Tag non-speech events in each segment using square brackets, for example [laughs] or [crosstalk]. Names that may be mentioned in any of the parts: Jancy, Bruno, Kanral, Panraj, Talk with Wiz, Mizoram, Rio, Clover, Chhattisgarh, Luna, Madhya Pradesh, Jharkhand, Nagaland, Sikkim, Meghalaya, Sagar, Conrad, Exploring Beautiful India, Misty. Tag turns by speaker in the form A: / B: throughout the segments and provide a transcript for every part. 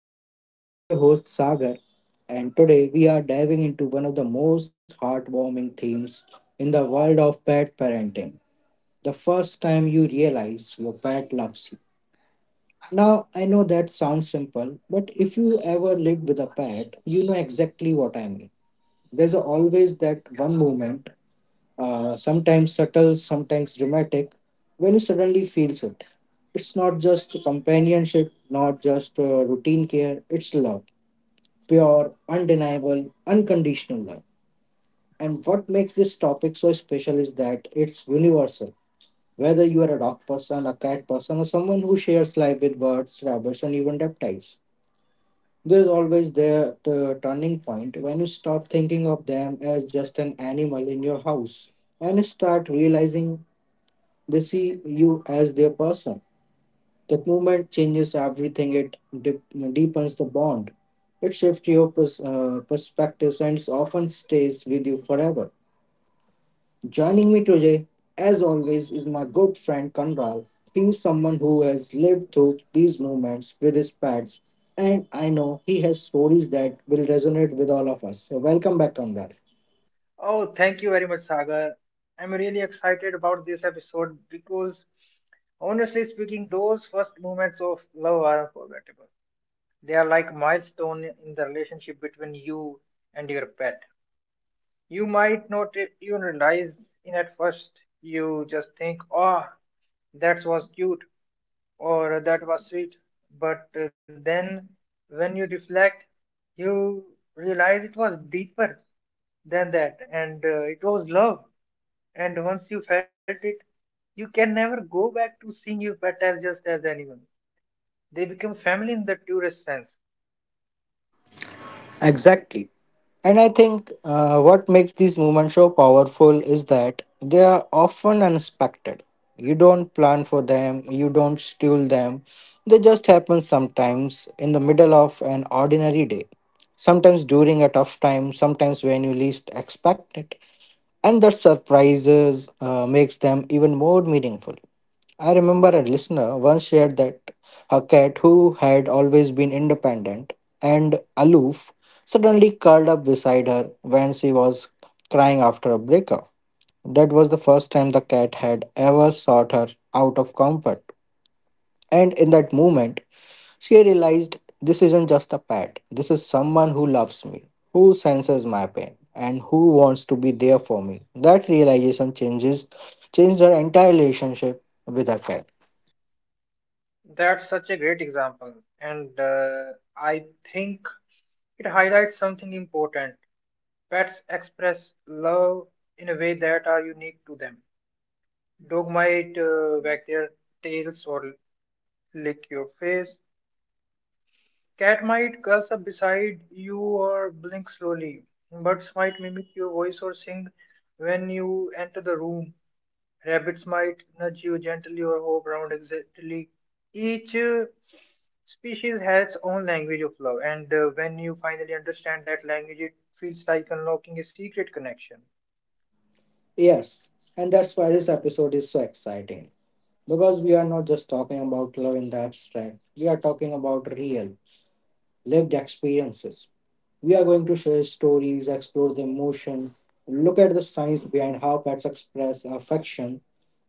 A: with Wiz. I am your host Sagar, and today we are diving into one of the most heartwarming themes in the world of pet parenting, the first time you realize your pet loves you. Now, I know that sounds simple, but if you ever lived with a pet, you know exactly what I mean. There's always that one moment, sometimes subtle, sometimes dramatic, when you suddenly feel it. It's not just companionship, not just routine care, it's love. Pure, undeniable, unconditional love. And what makes this topic so special is that it's universal. Whether you are a dog person, a cat person, or someone who shares life with birds, rabbits, and even reptiles, there's always that turning point when you stop thinking of them as just an animal in your house and start realizing they see you as their person. That movement changes everything. It deep- deepens the bond. It shifts your perspectives and it often stays with you forever. Joining me today, as always, is my good friend Kanral. He's someone who has lived through these movements with his pads, and I know he has stories that will resonate with all of us. So, welcome back, Kanral.
B: Oh, thank you very much, Sagar. I'm really excited about this episode because, honestly speaking, those first moments of love are unforgettable. They are like milestone in the relationship between you and your pet. You might not even realize in at first. You just think, "Oh, that was cute," or that was sweet. But then when you reflect, you realize it was deeper than that, and it was love. And once you felt it, you can never go back to seeing your pet as just as anyone. They become family in the tourist sense.
A: Exactly. And I think what makes these movements so powerful is that they are often unexpected. You don't plan for them, you don't schedule them. They just happen, sometimes in the middle of an ordinary day, sometimes during a tough time, sometimes when you least expect it. And that surprises makes them even more meaningful. I remember a listener once shared that her cat, who had always been independent and aloof, suddenly curled up beside her when she was crying after a breakup. That was the first time the cat had ever sought her out of comfort. And in that moment, she realized this isn't just a pet, this is someone who loves me, who senses my pain, and who wants to be there for me. That realization changes changed her entire relationship with her cat.
B: That's such a great example, and I think it highlights something important. Pets express love in a way that are unique to them. Dog might wag their tails or lick your face. Cat might curl up beside you or blink slowly. Birds might mimic your voice or sing when you enter the room. Rabbits might nudge you gently or hop around excitedly. Each species has its own language of love, and when you finally understand that language, it feels like unlocking a secret connection.
A: Yes, and that's why this episode is so exciting. Because we are not just talking about love in the abstract, we are talking about real, lived experiences. We are going to share stories, explore the emotion, look at the science behind how pets express affection,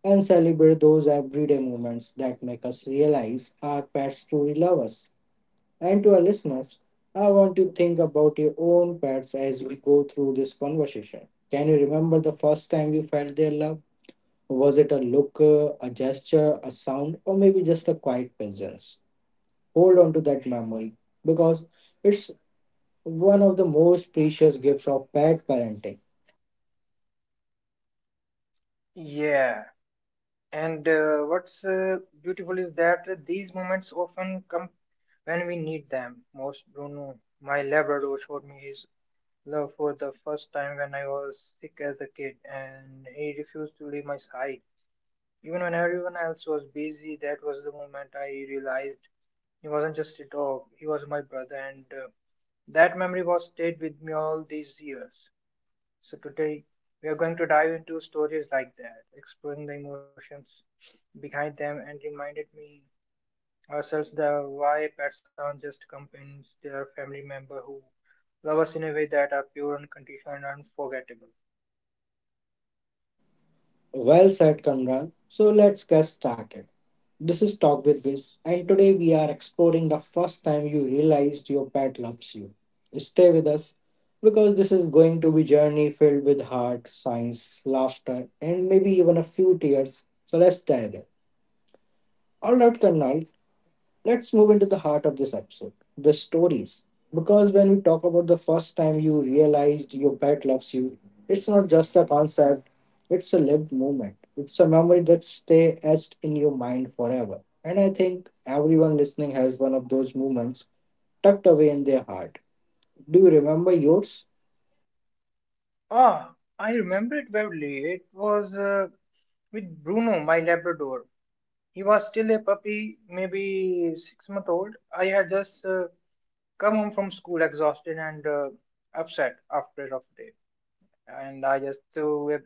A: and celebrate those everyday moments that make us realize our pets truly love us. And to our listeners, I want you to think about your own pets as we go through this conversation. Can you remember the first time you felt their love? Was it a look, a gesture, a sound, or maybe just a quiet presence? Hold on to that memory because it's one of the most precious gifts of pet parenting.
B: Yeah. And what's beautiful is that these moments often come when we need them most. Bruno, my Labrador, showed me his love for the first time when I was sick as a kid, and he refused to leave my side. Even when everyone else was busy, that was the moment I realized he wasn't just a dog, he was my brother, and that memory was stayed with me all these years. So, today we are going to dive into stories like that, exploring the emotions behind them, and reminded me ourselves the why pets aren't just companions, they are family member who love us in a way that are pure, unconditional, and unforgettable.
A: Well said, Kanral. So let's get started. This is Talk with Biz, and today we are exploring the first time you realized your pet loves you. Stay with us because this is going to be journey filled with heart, science, laughter, and maybe even a few tears. So let's dive in. All right, Karnal, let's move into the heart of this episode, the stories. Because when we talk about the first time you realized your pet loves you, it's not just a concept, it's a lived moment. It's a memory that stays etched in your mind forever. And I think everyone listening has one of those moments tucked away in their heart. Do you remember yours?
B: Ah, I remember it vividly. It was with Bruno, my Labrador. He was still a puppy, maybe 6 months old. I had just come home from school exhausted and upset after a rough day, and I just threw a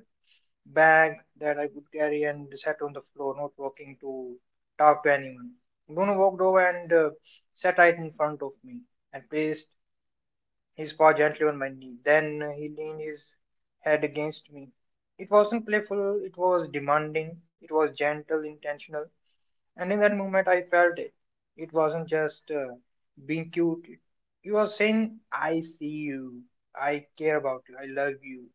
B: bag that I could carry and sat on the floor, not walking to talk to anyone. Bruno walked over and sat right in front of me and placed his paw gently on my knee. Then he leaned his head against me. It wasn't playful, it was demanding, it was gentle, intentional, and in that moment I felt it. It wasn't just being cute, it, he was saying, I see you, I care about you, I love you.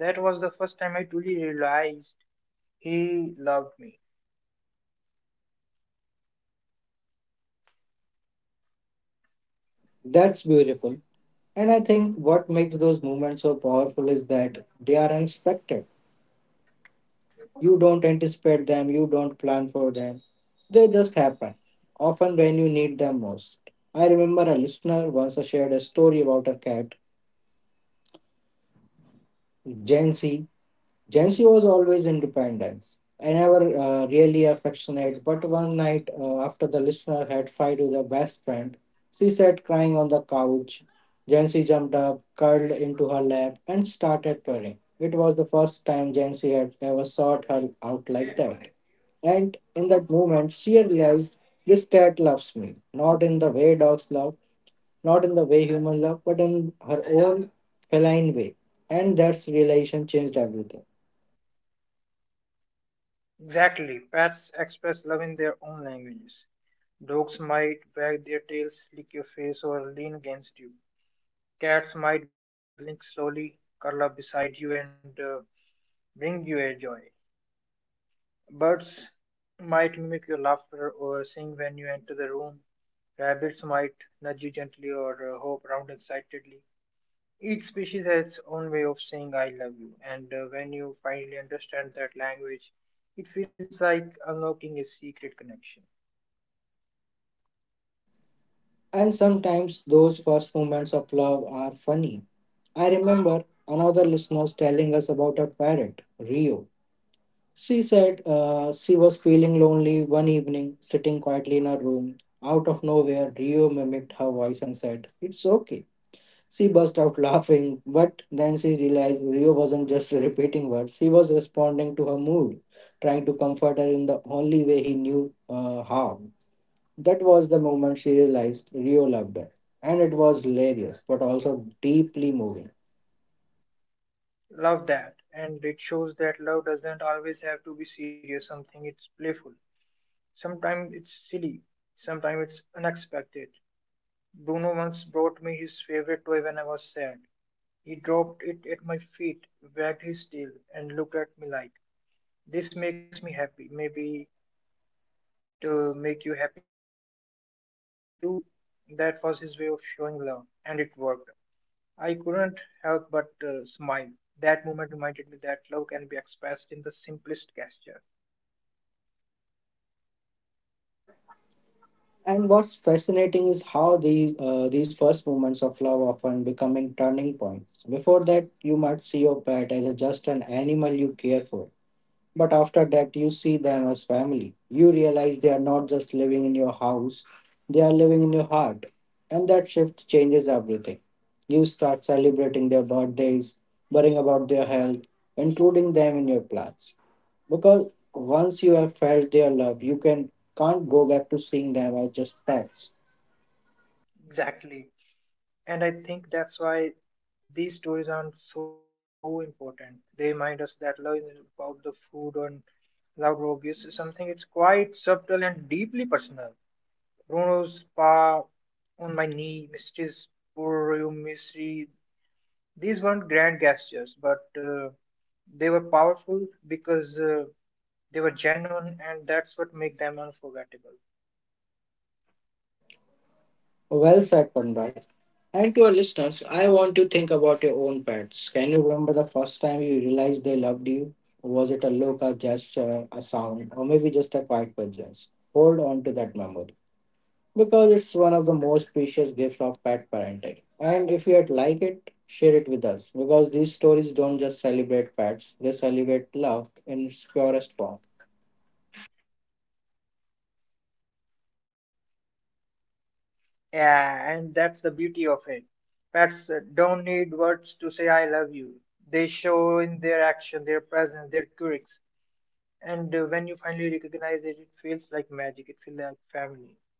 B: That was the first time I truly realized he loved me.
A: That's beautiful. And I think what makes those moments so powerful is that they are unexpected. You don't anticipate them, you don't plan for them. They just happen, often when you need them most. I remember a listener once shared a story about her cat, Jancy. Jancy was always independent and never really affectionate, but one night, after the listener had fight with her best friend, she sat crying on the couch. Jancy jumped up, curled into her lap, and started purring. It was the first time Jancy had ever sought her out like that. And in that moment, she realized this cat loves me, not in the way dogs love, not in the way humans love, but in her own feline way. And that realization changed everything.
B: Exactly. Pets express love in their own languages. Dogs might wag their tails, lick your face, or lean against you. Cats might blink slowly, curl up beside you, and bring you a joy. Birds might mimic your laughter or sing when you enter the room. Rabbits might nudge you gently or hop around excitedly. Each species has its own way of saying I love you, and when you finally understand that language, it feels like unlocking a secret connection.
A: And sometimes those first moments of love are funny. I remember another listener telling us about her parrot, Rio. She said she was feeling lonely one evening, sitting quietly in her room. Out of nowhere, Rio mimicked her voice and said, "It's okay." She burst out laughing, but then she realized Rio wasn't just repeating words. He was responding to her mood, trying to comfort her in the only way he knew how. That was the moment she realized Rio loved her. And it was hilarious, but also deeply moving.
B: Love that, and it shows that love doesn't always have to be serious, something it's playful. Sometimes it's silly, sometimes it's unexpected. Bruno once brought me his favorite toy when I was sad. He dropped it at my feet, wagged his tail, and looked at me like, this makes me happy. Maybe to make you happy too. That was his way of showing love, and it worked. I couldn't help but smile. That moment reminded me that love can be expressed in the simplest gesture.
A: And what's fascinating is how these first moments of love often becoming turning points. Before that, you might see your pet as just an animal you care for. But after that, you see them as family. You realize they are not just living in your house, they are living in your heart. And that shift changes everything. You start celebrating their birthdays, worrying about their health, including them in your plans. Because once you have felt their love, you can can't go back to seeing them as just pets.
B: Exactly. And I think that's why these stories are so important. They remind us that love isn't about the food or love or obvious is something it's quite subtle and deeply personal. Bruno's paw on my knee, Misty's poor Misty, these weren't grand gestures, but they were powerful because they were genuine, and that's what made them unforgettable.
A: Well said, Panraj. And to our listeners, I want you to think about your own pets. Can you remember the first time you realized they loved you? Was it a look, a gesture, a sound, or maybe just a quiet presence? Hold on to that memory because it's one of the most precious gifts of pet parenting. And if you'd like it, share it with us because these stories don't just celebrate pets, they celebrate love in its purest form.
B: Yeah, and that's the beauty of it. Pets don't need words to say I love you. They show in their action, their presence, their quirks. And when you finally recognize it, it feels like magic. It feels like family.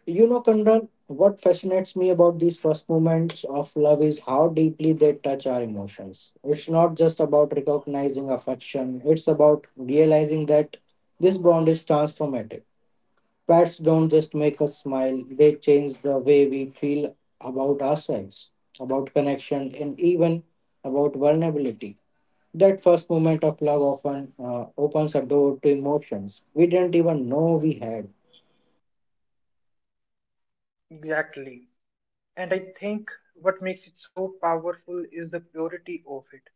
A: You know, Kanran, what fascinates me about these first moments of love is how deeply they touch our emotions. It's not just about recognizing affection, it's about realizing that this bond is transformative. Pets don't just make us smile, they change the way we feel about ourselves, about connection, and even about vulnerability. That first moment of love often opens a door to emotions we didn't even know we had.
B: Exactly. And I think what makes it so powerful is the purity of it.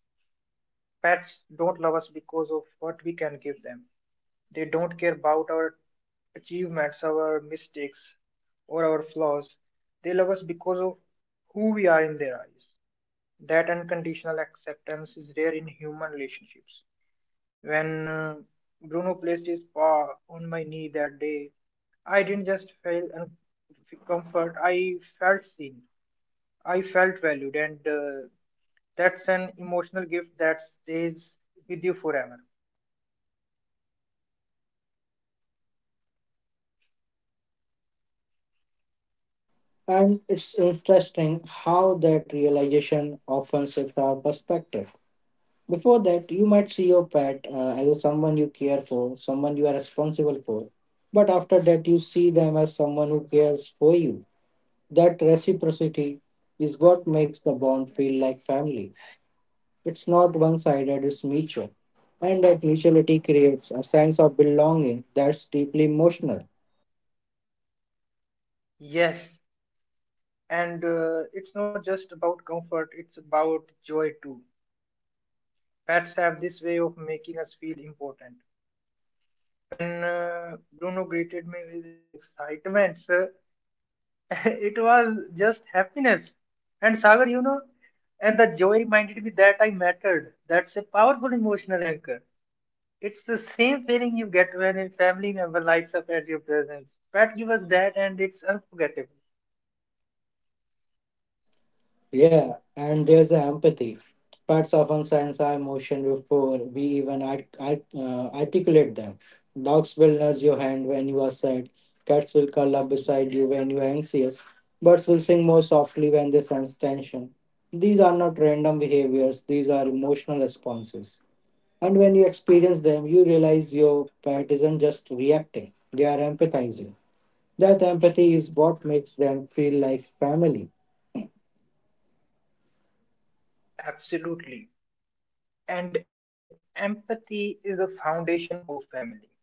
B: Pets don't love us because of what we can give them. They don't care about our achievements, our mistakes, or our flaws. They love us because of who we are in their eyes. That unconditional acceptance is rare in human relationships. When Bruno placed his paw on my knee that day, I didn't just feel comfort, I felt seen. I felt valued, and that's an emotional gift that stays with you forever.
A: And it's interesting how that realization often shifts our perspective. Before that, you might see your pet as a someone you care for, someone you are responsible for. But after that, you see them as someone who cares for you. That reciprocity is what makes the bond feel like family. It's not one sided, it's mutual. And that mutuality creates a sense of belonging that's deeply emotional.
B: Yes, and it's not just about comfort, it's about joy too. Pets have this way of making us feel important. When Bruno greeted me with excitement, sir, [laughs] it was just happiness. And Sagar, you know, and the joy reminded me that I mattered. That's a powerful emotional anchor. It's the same feeling you get when a family member lights up at your presence. Pet give us that, and it's unforgettable.
A: Yeah, and there's the empathy. Pets often sense our emotion before we even articulate them. Dogs will nudge your hand when you are sad. Cats will curl up beside you when you are anxious. Birds will sing more softly when they sense tension. These are not random behaviors, these are emotional responses. And when you experience them, you realize your pet isn't just reacting, they are empathizing. That empathy is what makes them feel like family.
B: Absolutely. And empathy is the foundation of family.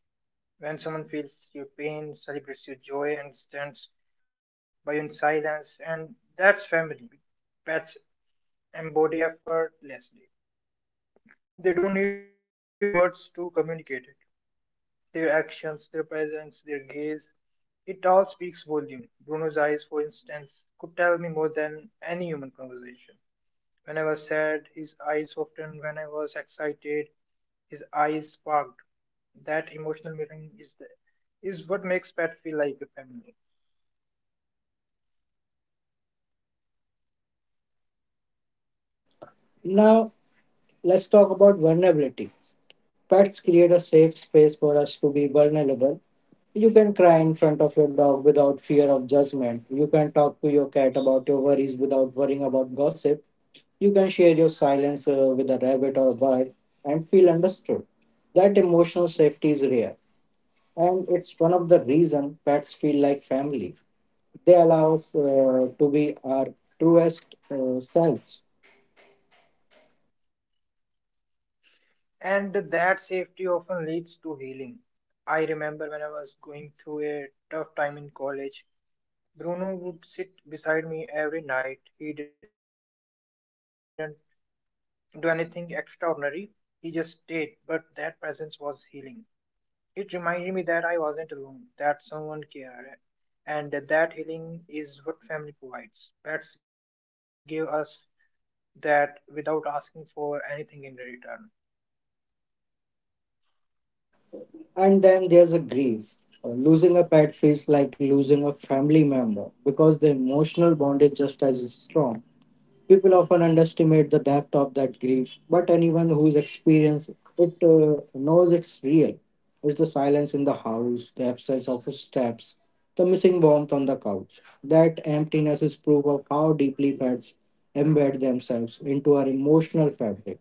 B: When someone feels your pain, celebrates your joy, and stands by you in silence, and that's family. Pets embody effortlessly. They don't need words to communicate it. Their actions, their presence, their gaze, it all speaks volume. Bruno's eyes, for instance, could tell me more than any human conversation. When I was sad, his eyes softened. When I was excited, his eyes sparked. That emotional mirroring is the, is what makes pet feel like a family.
A: Now, let's talk about vulnerability. Pets create a safe space for us to be vulnerable. You can cry in front of your dog without fear of judgment. You can talk to your cat about your worries without worrying about gossip. You can share your silence with a rabbit or a bird and feel understood. That emotional safety is rare, and it's one of the reasons pets feel like family. They allow us to be our truest selves.
B: And that safety often leads to healing. I remember when I was going through a tough time in college, Bruno would sit beside me every night. He didn't do anything extraordinary, he just stayed, but that presence was healing. It reminded me that I wasn't alone, that someone cared, and that healing is what family provides. Pets give us that without asking for anything in return.
A: And then there's a grief. Losing a pet feels like losing a family member because the emotional bond is just as strong. People often underestimate the depth of that grief, but anyone who's experienced it knows it's real. It's the silence in the house, the absence of steps, the missing warmth on the couch. That emptiness is proof of how deeply pets embed themselves into our emotional fabric.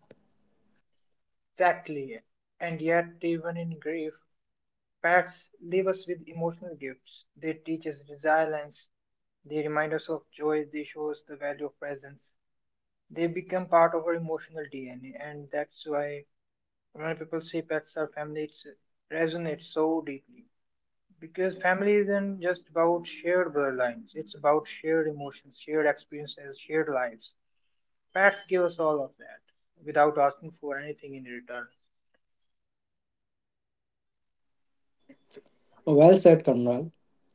B: Exactly. And yet, even in grief, pets leave us with emotional gifts. They teach us resilience. They remind us of joy. They show us the value of presence. They become part of our emotional DNA, and that's why when people say pets are family, it resonates so deeply. Because family isn't just about shared bloodlines; it's about shared emotions, shared experiences, shared lives. Pets give us all of that without asking for anything in return.
A: Well said, Conrad.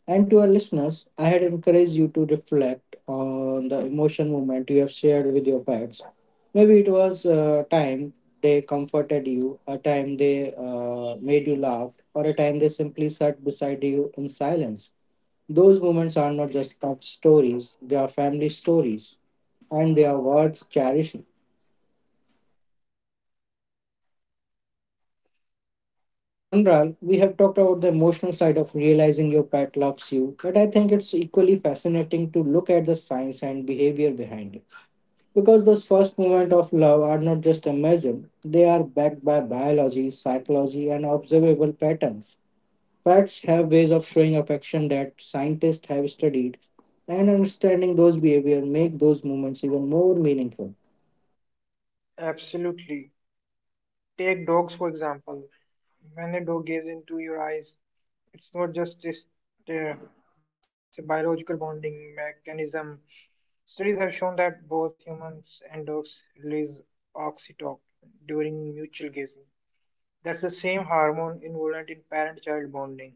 A: And to our listeners, I had encouraged you to reflect on the emotion moment you have shared with your pets. Maybe it was a time they comforted you, a time they made you laugh, or a time they simply sat beside you in silence. Those moments are not just pet stories, they are family stories, and they are worth cherishing. So, Kanral, we have talked about the emotional side of realizing your pet loves you, but I think it's equally fascinating to look at the science and behavior behind it. Because those first moments of love are not just imagined, they are backed by biology, psychology, and observable patterns. Pets have ways of showing affection that scientists have studied, and understanding those behavior make those moments even more meaningful.
B: Absolutely. Take dogs, for example. When a dog gazes into your eyes, it's not just this, uh, it's a biological bonding mechanism. Studies have shown that both humans and dogs release oxytocin during mutual gazing. That's the same hormone involved in parent child bonding.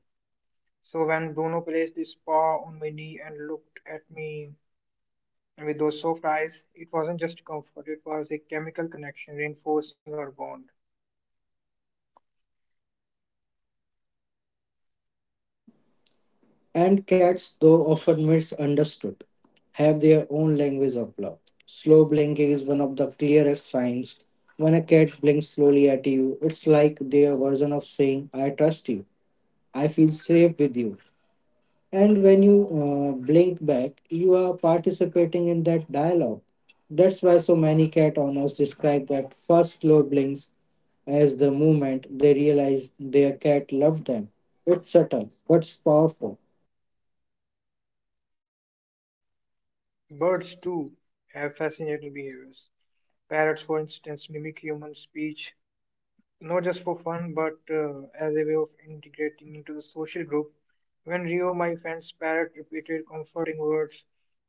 B: So when Bruno placed his paw on my knee and looked at me, and with those soft eyes, it wasn't just comfort, it was a chemical connection reinforcing our bond.
A: And cats, though often misunderstood, have their own language of love. Slow blinking is one of the clearest signs. When a cat blinks slowly at you, it's like their version of saying, "I trust you, I feel safe with you." And when you blink back, you are participating in that dialogue. That's why so many cat owners describe that first slow blinks as the moment they realize their cat loved them. It's subtle, but it's powerful.
B: Birds, too, have fascinating behaviors. Parrots, for instance, mimic human speech, not just for fun, but as a way of integrating into the social group. When Rio, my friend's parrot, repeated comforting words,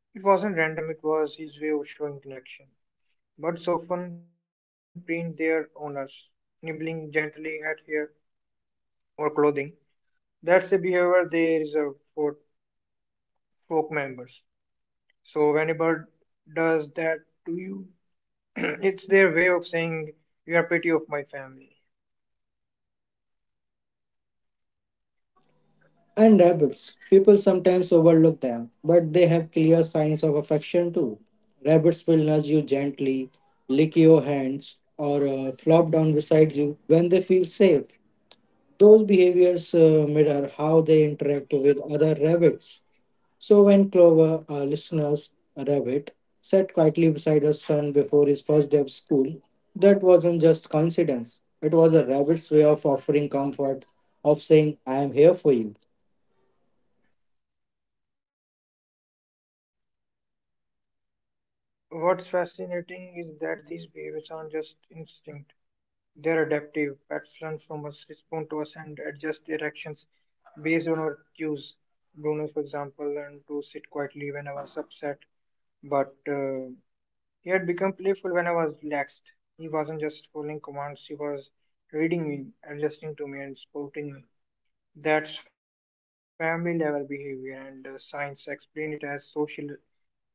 B: it wasn't random, it was his way of showing connection. Birds often print their owners, nibbling gently at hair or clothing. That's the behavior they reserve for folk members. So when a bird does that to you, [clears throat] it's their way of saying you are pity of my family.
A: And rabbits. People sometimes overlook them, but they have clear signs of affection too. Rabbits will nudge you gently, lick your hands, or flop down beside you when they feel safe. Those behaviors mirror how they interact with other rabbits. So when Clover, our listener's rabbit, sat quietly beside her son before his first day of school, that wasn't just coincidence. It was a rabbit's way of offering comfort, of saying, "I am here for you."
B: What's fascinating is that these behaviors aren't just instinct; they're adaptive. Pets learn from us, respond to us, and adjust their actions based on our cues. Bruno, for example, learned to sit quietly when I was upset, but he had become playful when I was relaxed. He wasn't just following commands, he was reading me, adjusting to me, and supporting me. That's family level behavior, and science explained it as social attunement.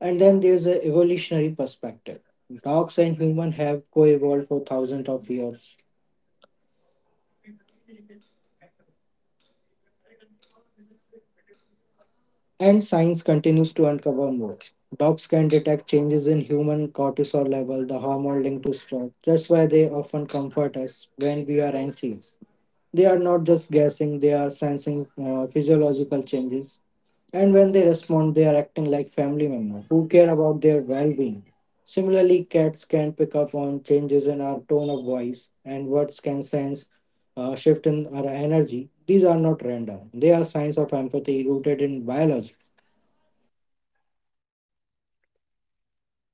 A: And then there's a evolutionary perspective. Dogs and humans have co-evolved for thousands of years. And science continues to uncover more. Dogs can detect changes in human cortisol level, the hormone linked to stress. That's why they often comfort us when we are anxious. They are not just guessing, they are sensing physiological changes. And when they respond, they are acting like family members who care about their well being. Similarly, cats can pick up on changes in our tone of voice and words can sense a shift in our energy. These are not random, they are signs of empathy rooted in biology.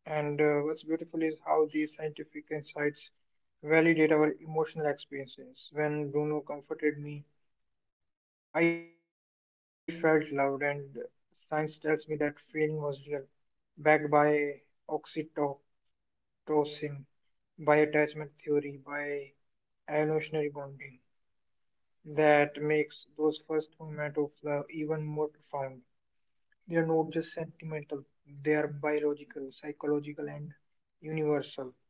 B: And what's beautiful is how these scientific insights validate our emotional experiences. When Bruno comforted me, I felt loved, and science tells me that feeling was real, backed by oxytocin, by attachment theory, by and emotionary bonding that makes those first moments of love even more profound. They are not just sentimental, they are biological, psychological, and universal.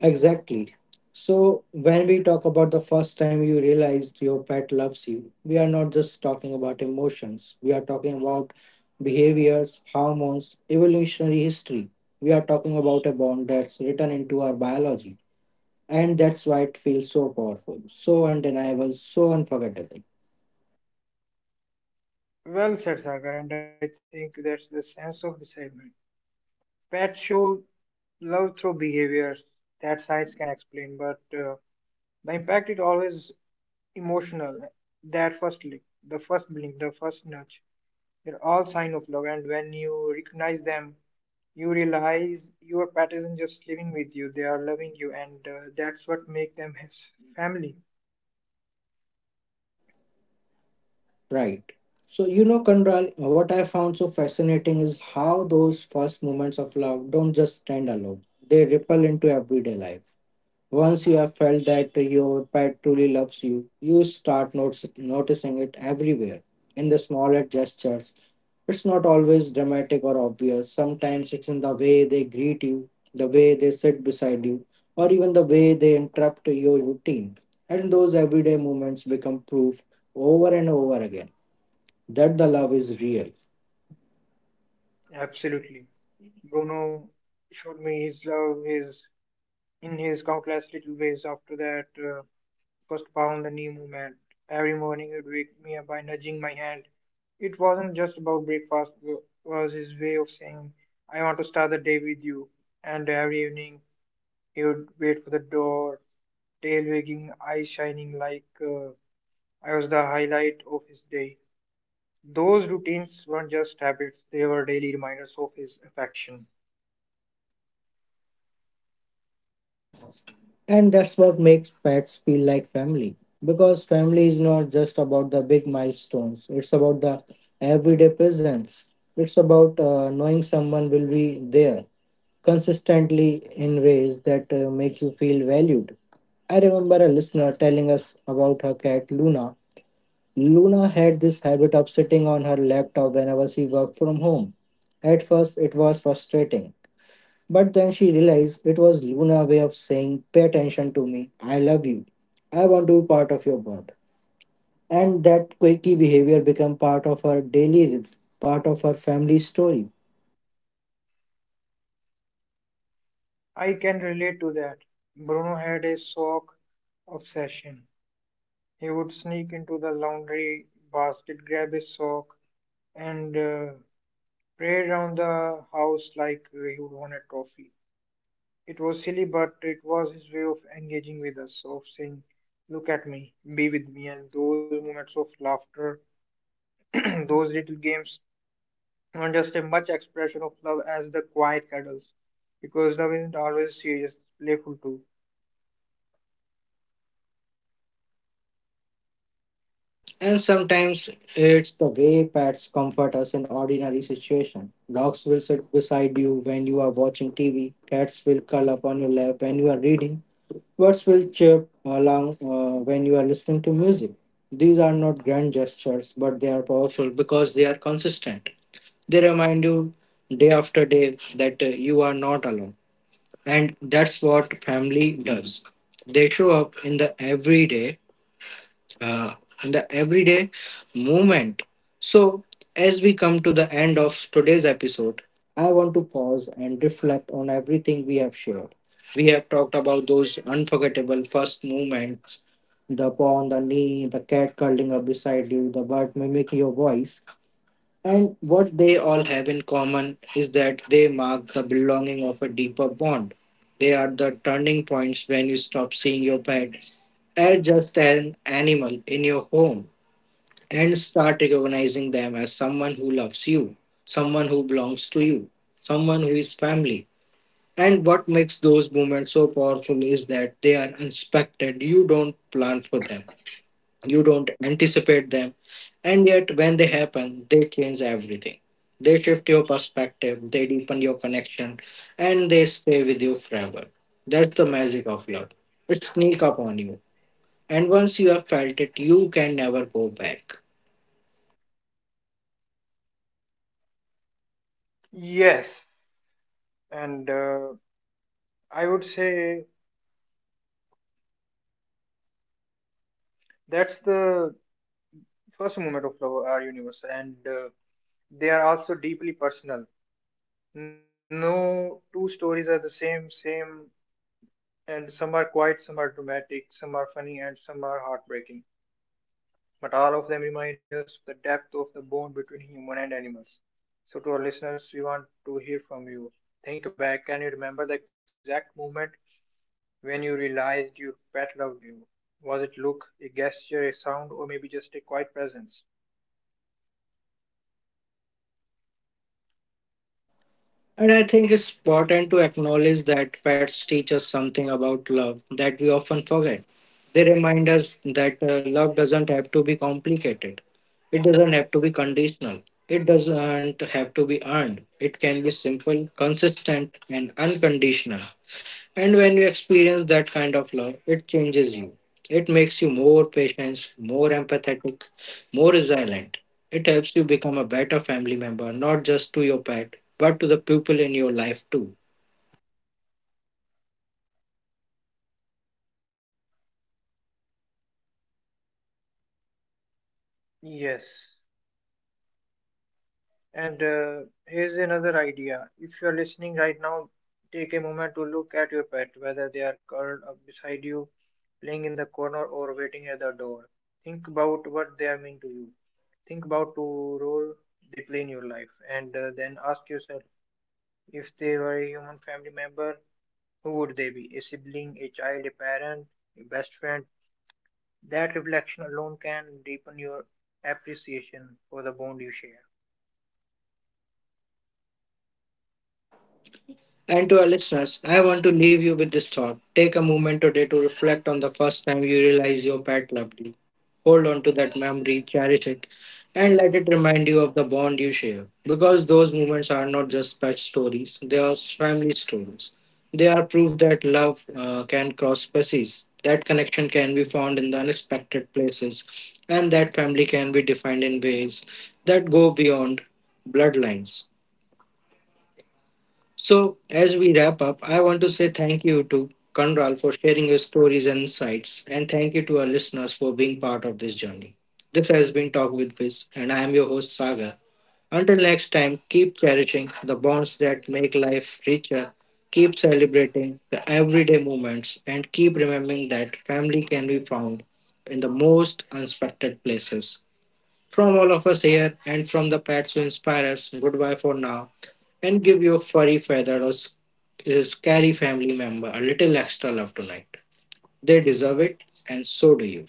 A: Exactly. So, when we talk about the first time you realized your pet loves you, we are not just talking about emotions, we are talking about behaviors, hormones, evolutionary history. We are talking about a bond that's written into our biology. And that's why it feels so powerful, so undeniable, so unforgettable.
B: Well said, Sagar, and I think that's the sense of this segment. Pets show love through behaviors that science can explain, but the impact is always emotional. That first lick, the first blink, the first nudge. They're all sign of love, and when you recognize them, you realize your pet isn't just living with you; they are loving you, and that's what makes them his family.
A: Right. So, you know, Kandral, what I found so fascinating is how those first moments of love don't just stand alone, they ripple into everyday life. Once you have felt that your pet truly loves you, you start noticing it everywhere in the smaller gestures. It's not always dramatic or obvious. Sometimes it's in the way they greet you, the way they sit beside you, or even the way they interrupt your routine. And those everyday moments become proof over and over again that the love is real.
B: Absolutely, Bruno showed me his love, his in his countless little ways. After that first pound, the knee movement. Every morning, he'd wake me up by nudging my hand. It wasn't just about breakfast; it was his way of saying, "I want to start the day with you." And every evening, he would wait for the door tail wagging, eyes shining like I was the highlight of his day. Those routines weren't just habits, they were daily reminders of his affection.
A: And that's what makes pets feel like family. Because family is not just about the big milestones, it's about the everyday presence. It's about knowing someone will be there consistently in ways that make you feel valued. I remember a listener telling us about her cat Luna. Luna had this habit of sitting on her laptop whenever she worked from home. At first, it was frustrating, but then she realized it was Luna's way of saying, "Pay attention to me. I love you. I want to be part of your world." And that quirky behavior became part of her daily rhythm, part of her family story.
B: I can relate to that. Bruno had a sock obsession. He would sneak into the laundry basket, grab his sock, and pray around the house like he would want a trophy. It was silly, but it was his way of engaging with us, of saying, look at me, be with me, and those moments of laughter [clears throat] those little games are just a much expression of love as the quiet cuddles, because love isn't always serious, playful too.
A: Exactly. And sometimes it's the way pets comfort us in ordinary situations. Dogs will sit beside you when you are watching TV. Cats will curl up on your lap when you are reading. Birds will chirp along when you are listening to music. These are not grand gestures, but they are powerful because they are consistent. They remind you day after day that you are not alone. And that's what family does. They show up in the everyday uh, and the everyday movement. So, as we come to the end of today's episode, I want to pause and reflect on everything we have shared. We have talked about those unforgettable first moments: the paw on the knee, the cat curling up beside you, the bird mimicking your voice. And what they all have in common is that they mark the belonging of a deeper bond. They are the turning points when you stop seeing your pet as just an animal in your home and start recognizing them as someone who loves you, someone who belongs to you, someone who is family. And what makes those moments so powerful is that they are unexpected. You don't plan for them, you don't anticipate them. And yet, when they happen, they change everything. They shift your perspective, they deepen your connection, and they stay with you forever. That's the magic of love. It sneaks up on you and once you have felt it, you can never go back.
B: Yes, and I would say that's the first moment of love, our universe, and they are also deeply personal. No two stories are the same, and some are quiet, some are dramatic, some are funny, and some are heartbreaking, but all of them remind us of the depth of the bond between human and animals. So, to our listeners, we want to hear from you. Think back, can you remember the exact moment when you realized your pet loved you? Was it look, a gesture, a sound, or maybe just a quiet presence?
A: And I think it's important to acknowledge that pets teach us something about love that we often forget. They remind us that love doesn't have to be complicated, it doesn't have to be conditional, it doesn't have to be earned. It can be simple, consistent, and unconditional. And when you experience that kind of love, it changes you. It makes you more patient, more empathetic, more resilient. It helps you become a better family member, not just to your pet, but to the people in your life too.
B: Yes. And here's another idea. If you're listening right now, take a moment to look at your pet, whether they are curled up beside you playing in the corner or waiting at the door. Think about what they are mean to you. Think about the role they play in your life, and then ask yourself if they were a human family member, who would they be? A sibling, a child, a parent, a best friend. That reflection alone can deepen your appreciation for the bond you share.
A: And to our listeners, I want to leave you with this thought. Take a moment today to reflect on the first time you realize your pet loved you. Hold on to that memory, cherish it, and let it remind you of the bond you share. Because those moments are not just pet stories, they are family stories. They are proof that love can cross species, that connection can be found in the unexpected places, and that family can be defined in ways that go beyond bloodlines. So, as we wrap up, I want to say thank you to Kanral for sharing your stories and insights, and thank you to our listeners for being part of this journey. This has been Talk with Viz, and I am your host, Sagar. Until next time, keep cherishing the bonds that make life richer, keep celebrating the everyday moments, and keep remembering that family can be found in the most unexpected places. From all of us here and from the pets who inspire us, goodbye for now. And give your furry, feathered, or scary family member a little extra love tonight. They deserve it, and so do you.